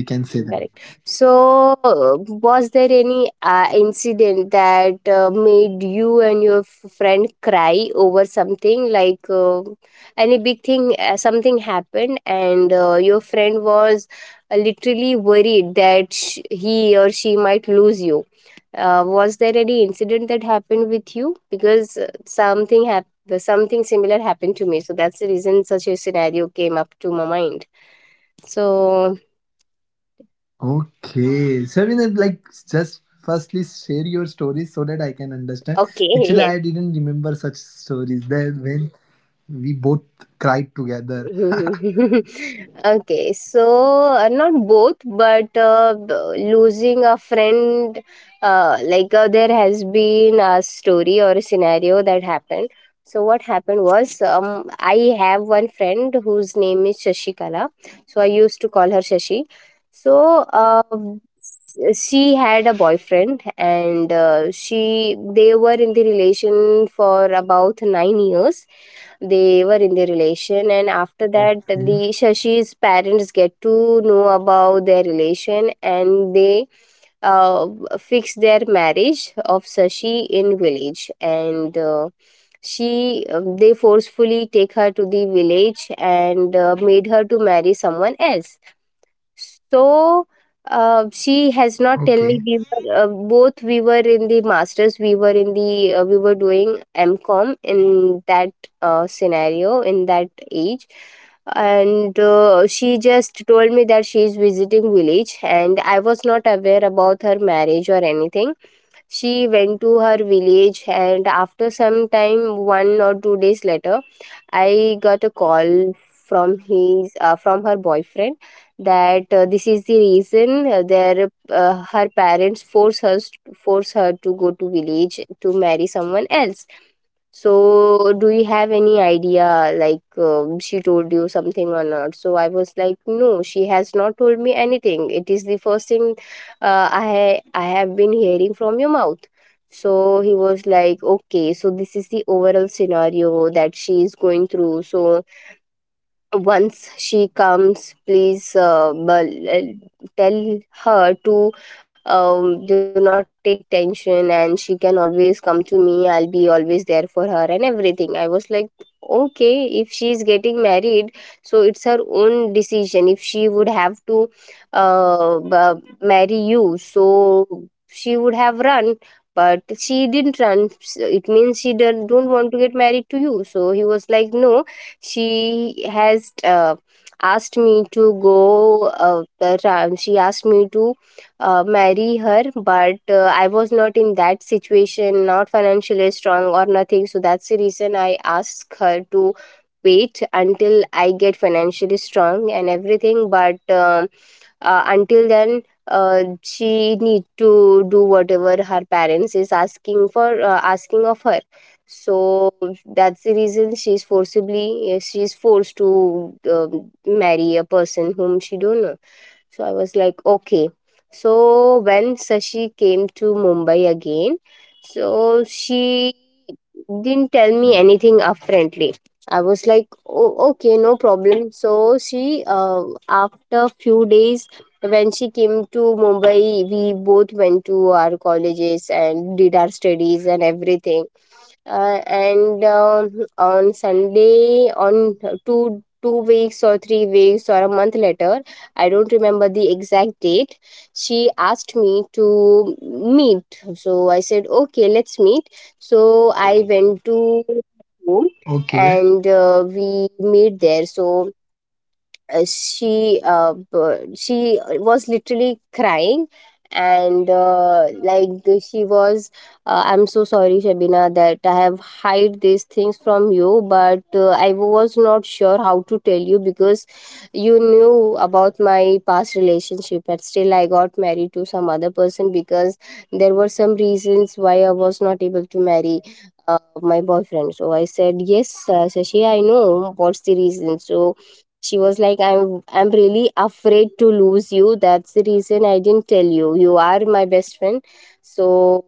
S2: Yes, we can say
S1: Correct.
S2: that.
S1: So, was there any incident that made you and your friend cry over something, like any big thing, something happened, and your friend was literally worried that he or she might lose you? Was there any incident that happened with you? Because something happened. Something similar happened to me, so that's the reason such a scenario came up to my mind. So,
S2: Okay, so we, like, just firstly share your stories so that I can understand.
S1: okay, yes.
S2: Actually, I didn't remember such stories, that when we both cried together.
S1: Okay, so not both, but losing a friend, there has been a story or a scenario that happened. So what happened was, I have one friend whose name is Shashikala. So I used to call her Shashi. So she had a boyfriend, and she they were in the relation for about 9 years. They were in their relation, and after that, the
S2: Okay,
S1: Shashi's parents get to know about their relation, and they uh, fix their marriage of Sashi in village, and she they forcefully take her to the village and made her to marry someone else. So she has not
S2: okay,
S1: tell me, we were in the masters, we were doing mcom in that scenario in that age. And she just told me that she is visiting village, and I was not aware about her marriage or anything. She went to her village, and after some time, 1 or 2 days later, I got a call from his from her boyfriend, that this is the reason, their her parents force her to go to village to marry someone else. So, do you have any idea, like, she told you something or not? So I was like, no, she has not told me anything. It is the first thing I have been hearing from your mouth. So he was like, okay, so this is the overall scenario that she is going through. So, once she comes, please tell her to do not take tension, and she can always come to me, I'll be always there for her and everything. I was like, okay, if she is getting married, so it's her own decision. If she would have to marry you, so she would have run. But she didn't run. It means she don't want to get married to you. So he was like, no, she has asked me to go, the time she asked me to marry her, but I was not in that situation, not financially strong or nothing, so that's the reason I asked her to wait until I get financially strong and everything. But until then she need to do whatever her parents is asking for, asking of her. So that's the reason she's forced to marry a person whom she don't know. So I was like, okay. So when Sashi came to Mumbai again, so she didn't tell me anything upfrontly. I was like, oh, okay, no problem. So she, after few days, when she came to Mumbai, we both went to our colleges and did our studies and everything and on sunday on two weeks or 3 weeks or a month later, I don't remember the exact date, she asked me to meet, so I said, okay, let's meet. So I went to home,
S2: okay.
S1: and we meet there. So she was literally crying, and like she was I'm so sorry, Shabina, that I have hide these things from you, but I was not sure how to tell you because you knew about my past relationship, but still I got married to some other person because there were some reasons why I was not able to marry my boyfriend. So I said, yes, Shashi, I know what's the reason. So she was like, I'm really afraid to lose you, that's the reason I didn't tell you, you are my best friend. So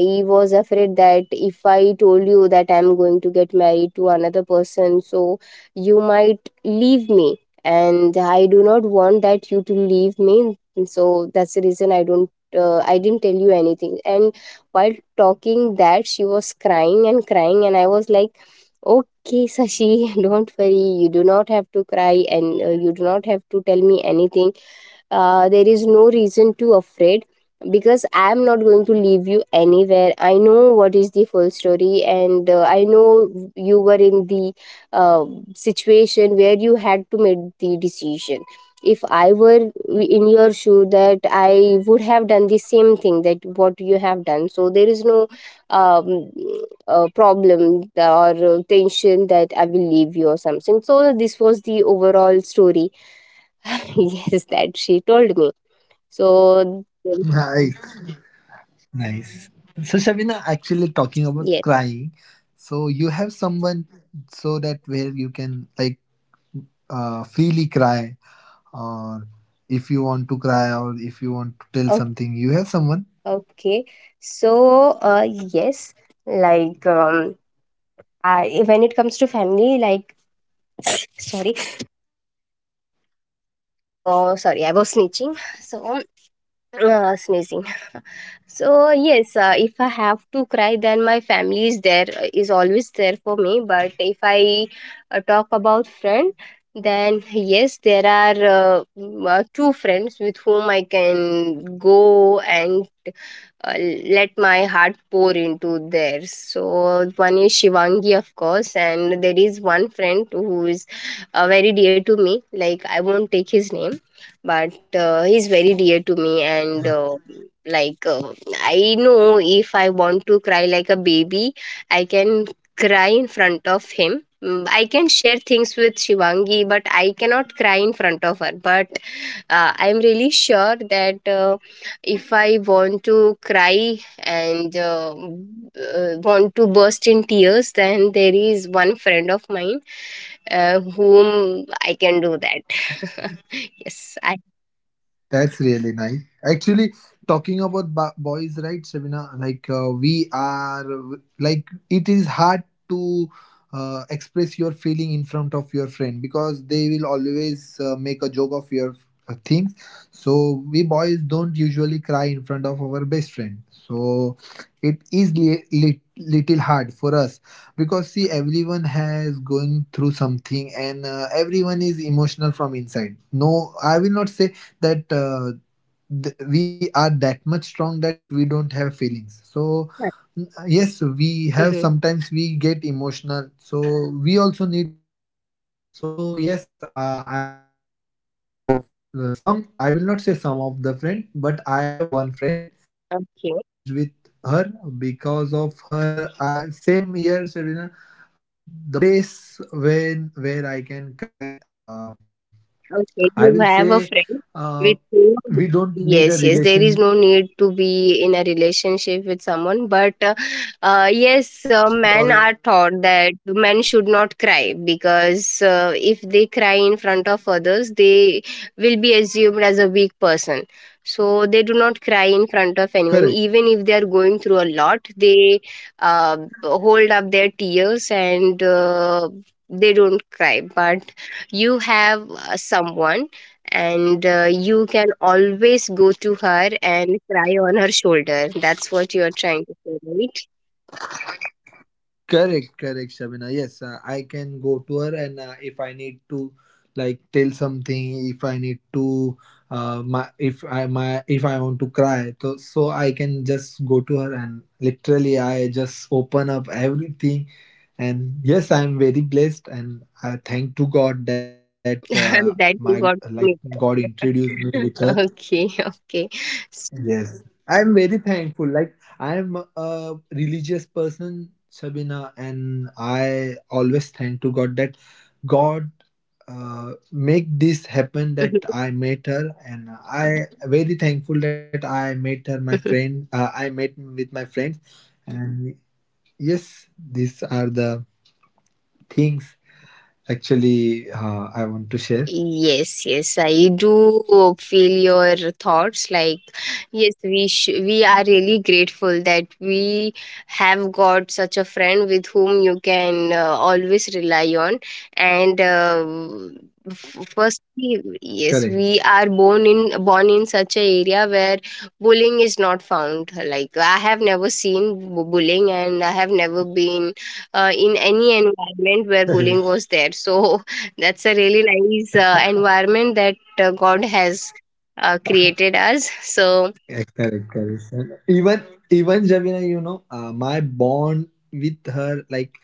S1: I was afraid that if I told you that I'm going to get married to another person, so you might leave me, and I do not want that you to leave me. So that's the reason I don't I didn't tell you anything. And while talking that, she was crying and crying, and I was like, okay, Sashi, don't worry. You do not have to cry, and you do not have to tell me anything. There is no reason to afraid because I am not going to leave you anywhere. I know what is the full story, and I know you were in the uh, situation where you had to make the decision. If I were in your shoe, that I would have done the same thing that what you have done. So there is no um, problem or tension that I will leave you or something. So this was the overall story. Yes, that she told me. So
S2: Nice. Nice. So Shabina, actually, talking about
S1: yes,
S2: crying, so you have someone, so that where you can like freely cry, or if you want to cry, or if you want to
S1: o-
S2: tell something, you have someone.
S1: okay. So yes, like I when it comes to family, like sorry, so sorry, I was snitching. So sneezing. So yes, if I have to cry, then my family is there, is always there for me. But if I talk about friend, then yes, there are two friends with whom I can go and uh, let my heart pour into theirs. So one is Shivangi, of course, and there is one friend who is very dear to me. Like, I won't take his name, but he's very dear to me, and like uh, I know if I want to cry like a baby, I can cry in front of him. Mm, I can share things with Shivangi, but I cannot cry in front of her. But I'm really sure that. If I want to cry, and want to burst in tears, then there is one friend of mine whom I can do that. Yes, I.
S2: That's really nice. Actually, talking about boys, right, Shabina? Like we are, like it is hard to express your feeling in front of your friend, because they will always make a joke of your things. So we boys don't usually cry in front of our best friend. So it is little hard for us, because see, everyone has going through something, and everyone is emotional from inside. No, I will not say that we are that much strong that we don't have feelings. So mm, yes, we have,
S1: Mhm.
S2: sometimes we get emotional. So we also need someone. So yes, I am also blessed with some of some, I will not say some of the friend, but I have one friend I am blessed with.
S1: Okay.
S2: Her, because of her, same year Serena, uh, the place when where I can cry, I will
S1: Okay,
S2: say,
S1: you have a
S2: uh,
S1: friend
S2: we
S1: with
S2: don't
S1: whom
S2: need a relationship
S1: yes, yes, there is no need to be in a relationship with someone, but
S2: or
S1: yes,
S2: anything.
S1: men are taught that men should not cry because if they cry in front of others, they will be assumed as a weak person. So they do not cry in front of
S2: Correct.
S1: anyone, even if they are going through a lot. They uh, hold up their tears, and they don't cry, but you have someone, and you can always go to her and cry on her shoulder. That's what you are trying to say, right?
S2: Correct. Correct, Shabina. Yes, I can go to her, and if I need to, like, tell something, if I need to, my if I want to cry, so I can just go to her, and literally, I just open up everything, and yes, I am very blessed, and I thank to God that
S1: That
S2: my,
S1: you got
S2: like,
S1: me
S2: God introduced me
S1: there.
S2: with her.
S1: Okay, okay. S-
S2: Yes, I'm very thankful. Like, I'm a religious person, Sabina, and I always thank to God that God
S1: mhm.
S2: make this happen, that I met her, and I very thankful that I
S1: Mhm.
S2: met her, my friend. I met with my friends, and yes, these are the things actually I want to share.
S1: Yes, yes, I do feel your thoughts. Like, yes, we are really grateful that we have got such a friend with whom you can always rely on. And firstly, yes,
S2: Correct.
S1: we are born in such a area where bullying is not found. Like, I have never seen bullying, and I have never been in any environment where bullying was there. So that's a really nice environment that God has created us. So,
S2: Yeah, correct, correct. And even Javina, you know, my bond with her, like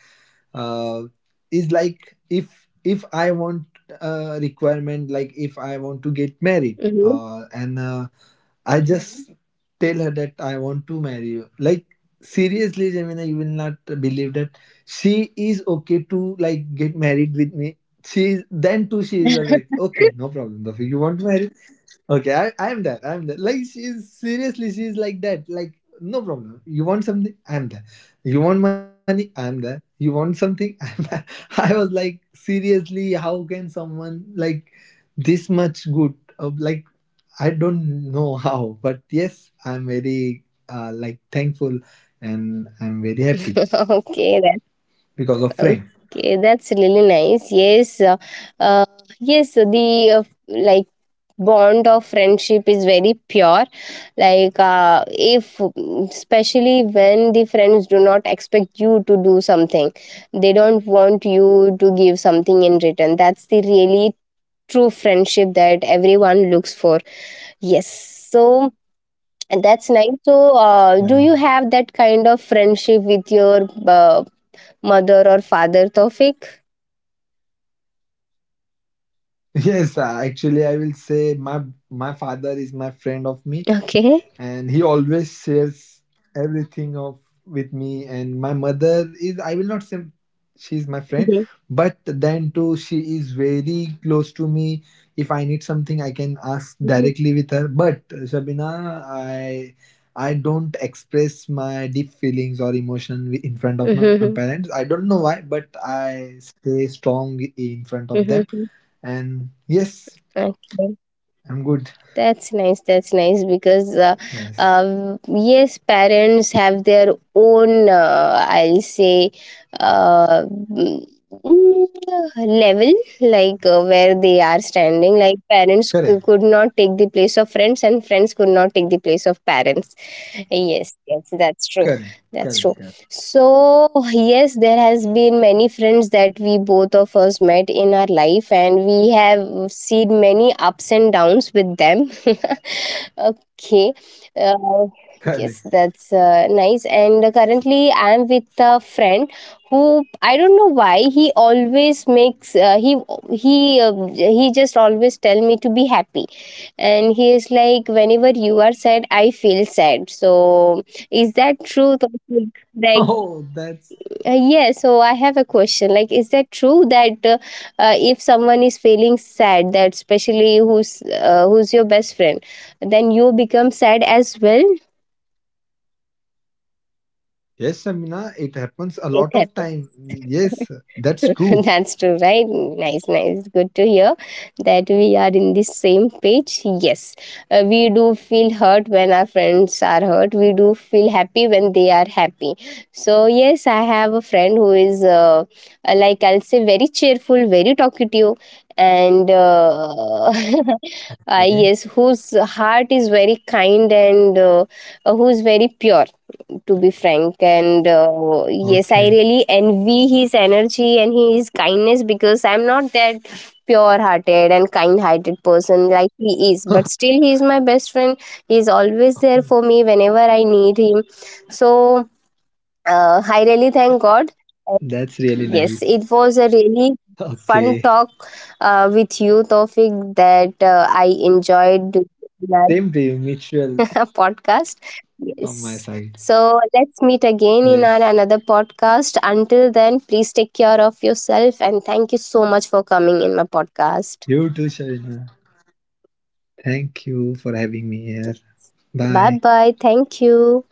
S2: uh, is like, if I want a requirement, like if I want to get married,
S1: mhm.
S2: and I just tell her that I want to marry you. Like, seriously, Javina, you will not believe that she is okay to, like, get married with me. She is then too. She is like, okay, no problem. Taufik. You want to marry? Okay, I'm there. I'm there. Like, she's seriously, she's like that. Like, no problem. You want something? I'm there. You want money? I'm there. You want something? I'm there. I was like, seriously, how can someone like this much good? Like, I don't know how, but yes, I'm very like, thankful, and I'm very happy
S1: Okay, that,
S2: because of friends.
S1: okay, that's really nice. Yes, uh, yes, so the bond of friendship is very pure. Like, if especially when the friends do not expect you to do something, they don't want you to give something in return. That's the really true friendship that everyone looks for. Yes. So and that's nice. So
S2: Yeah.
S1: do you have that kind of friendship with your mother or father, Tofik?
S2: Yes, actually, I will say my father is my friend of me, and
S1: Okay.
S2: he always shares everything of with me. And my mother is, I will not say she's my friend,
S1: Mm-hmm.
S2: but then too she is very close to me. If I need something, I can ask directly with her. But Shabina, I don't express my deep feelings or emotion in front of my parents. I
S1: Mm-hmm.
S2: don't know why, but I stay strong in front of them,
S1: Mm-hmm.
S2: and yes,
S1: Okay.
S2: I'm good.
S1: That's nice. That's nice because
S2: Yes.
S1: yes, parents have their own. I'll say. Uh, mm, level, like where they are standing. Like,
S2: Correct.
S1: parents could not take the place of friends, and friends could not take the place of parents. Yes, yes, that's
S2: Correct.
S1: true.
S2: Correct.
S1: That's
S2: Correct.
S1: true. So, yes, there has been many friends that we both of us met in our life, and we have seen many ups and downs with them. Okay. Uh,
S2: Correct.
S1: yes, that's nice. And currently I am with a friend who, I don't know why he always makes he just always tell me to be happy, and he is like, whenever you are sad, I feel sad. So is that true, Taufeeq?
S2: Oh,
S1: Like,
S2: that's,
S1: yeah, so I have a question, like, is that true that if someone is feeling sad, that especially who's your best friend, then you become sad as well?
S2: yes, Shamina. It happens a lot
S1: It
S2: of time.
S1: happens.
S2: Yes, that's true.
S1: That's true, right? Nice, nice. Good to hear that we are in the same page. Yes, uh, we do feel hurt when our friends are hurt. We do feel happy when they are happy. So, yes, I have a friend who is, I'll say, very cheerful, very talkative, and
S2: Okay.
S1: yes, whose heart is very kind, and who's very pure, to be frank. And yes, I
S2: Okay.
S1: really envy his energy and his kindness because I'm not that pure hearted and kind hearted person like he is. But still, he is my best friend. He is always there for me whenever I need him. So I really thank God.
S2: That's really nice.
S1: Yes, it was a really
S2: Okay.
S1: fun talk with you, Tofik, that I enjoyed. Doing.
S2: Same to you, mutual
S1: Podcast.
S2: from my side.
S1: Yes. So let's meet
S2: Yes.
S1: again in our another podcast. Until then, please take care of yourself, and thank you so much for coming in my
S2: You too,
S1: podcast.
S2: Shamina. Thank you for having me here. Bye.
S1: Bye bye. Thank you.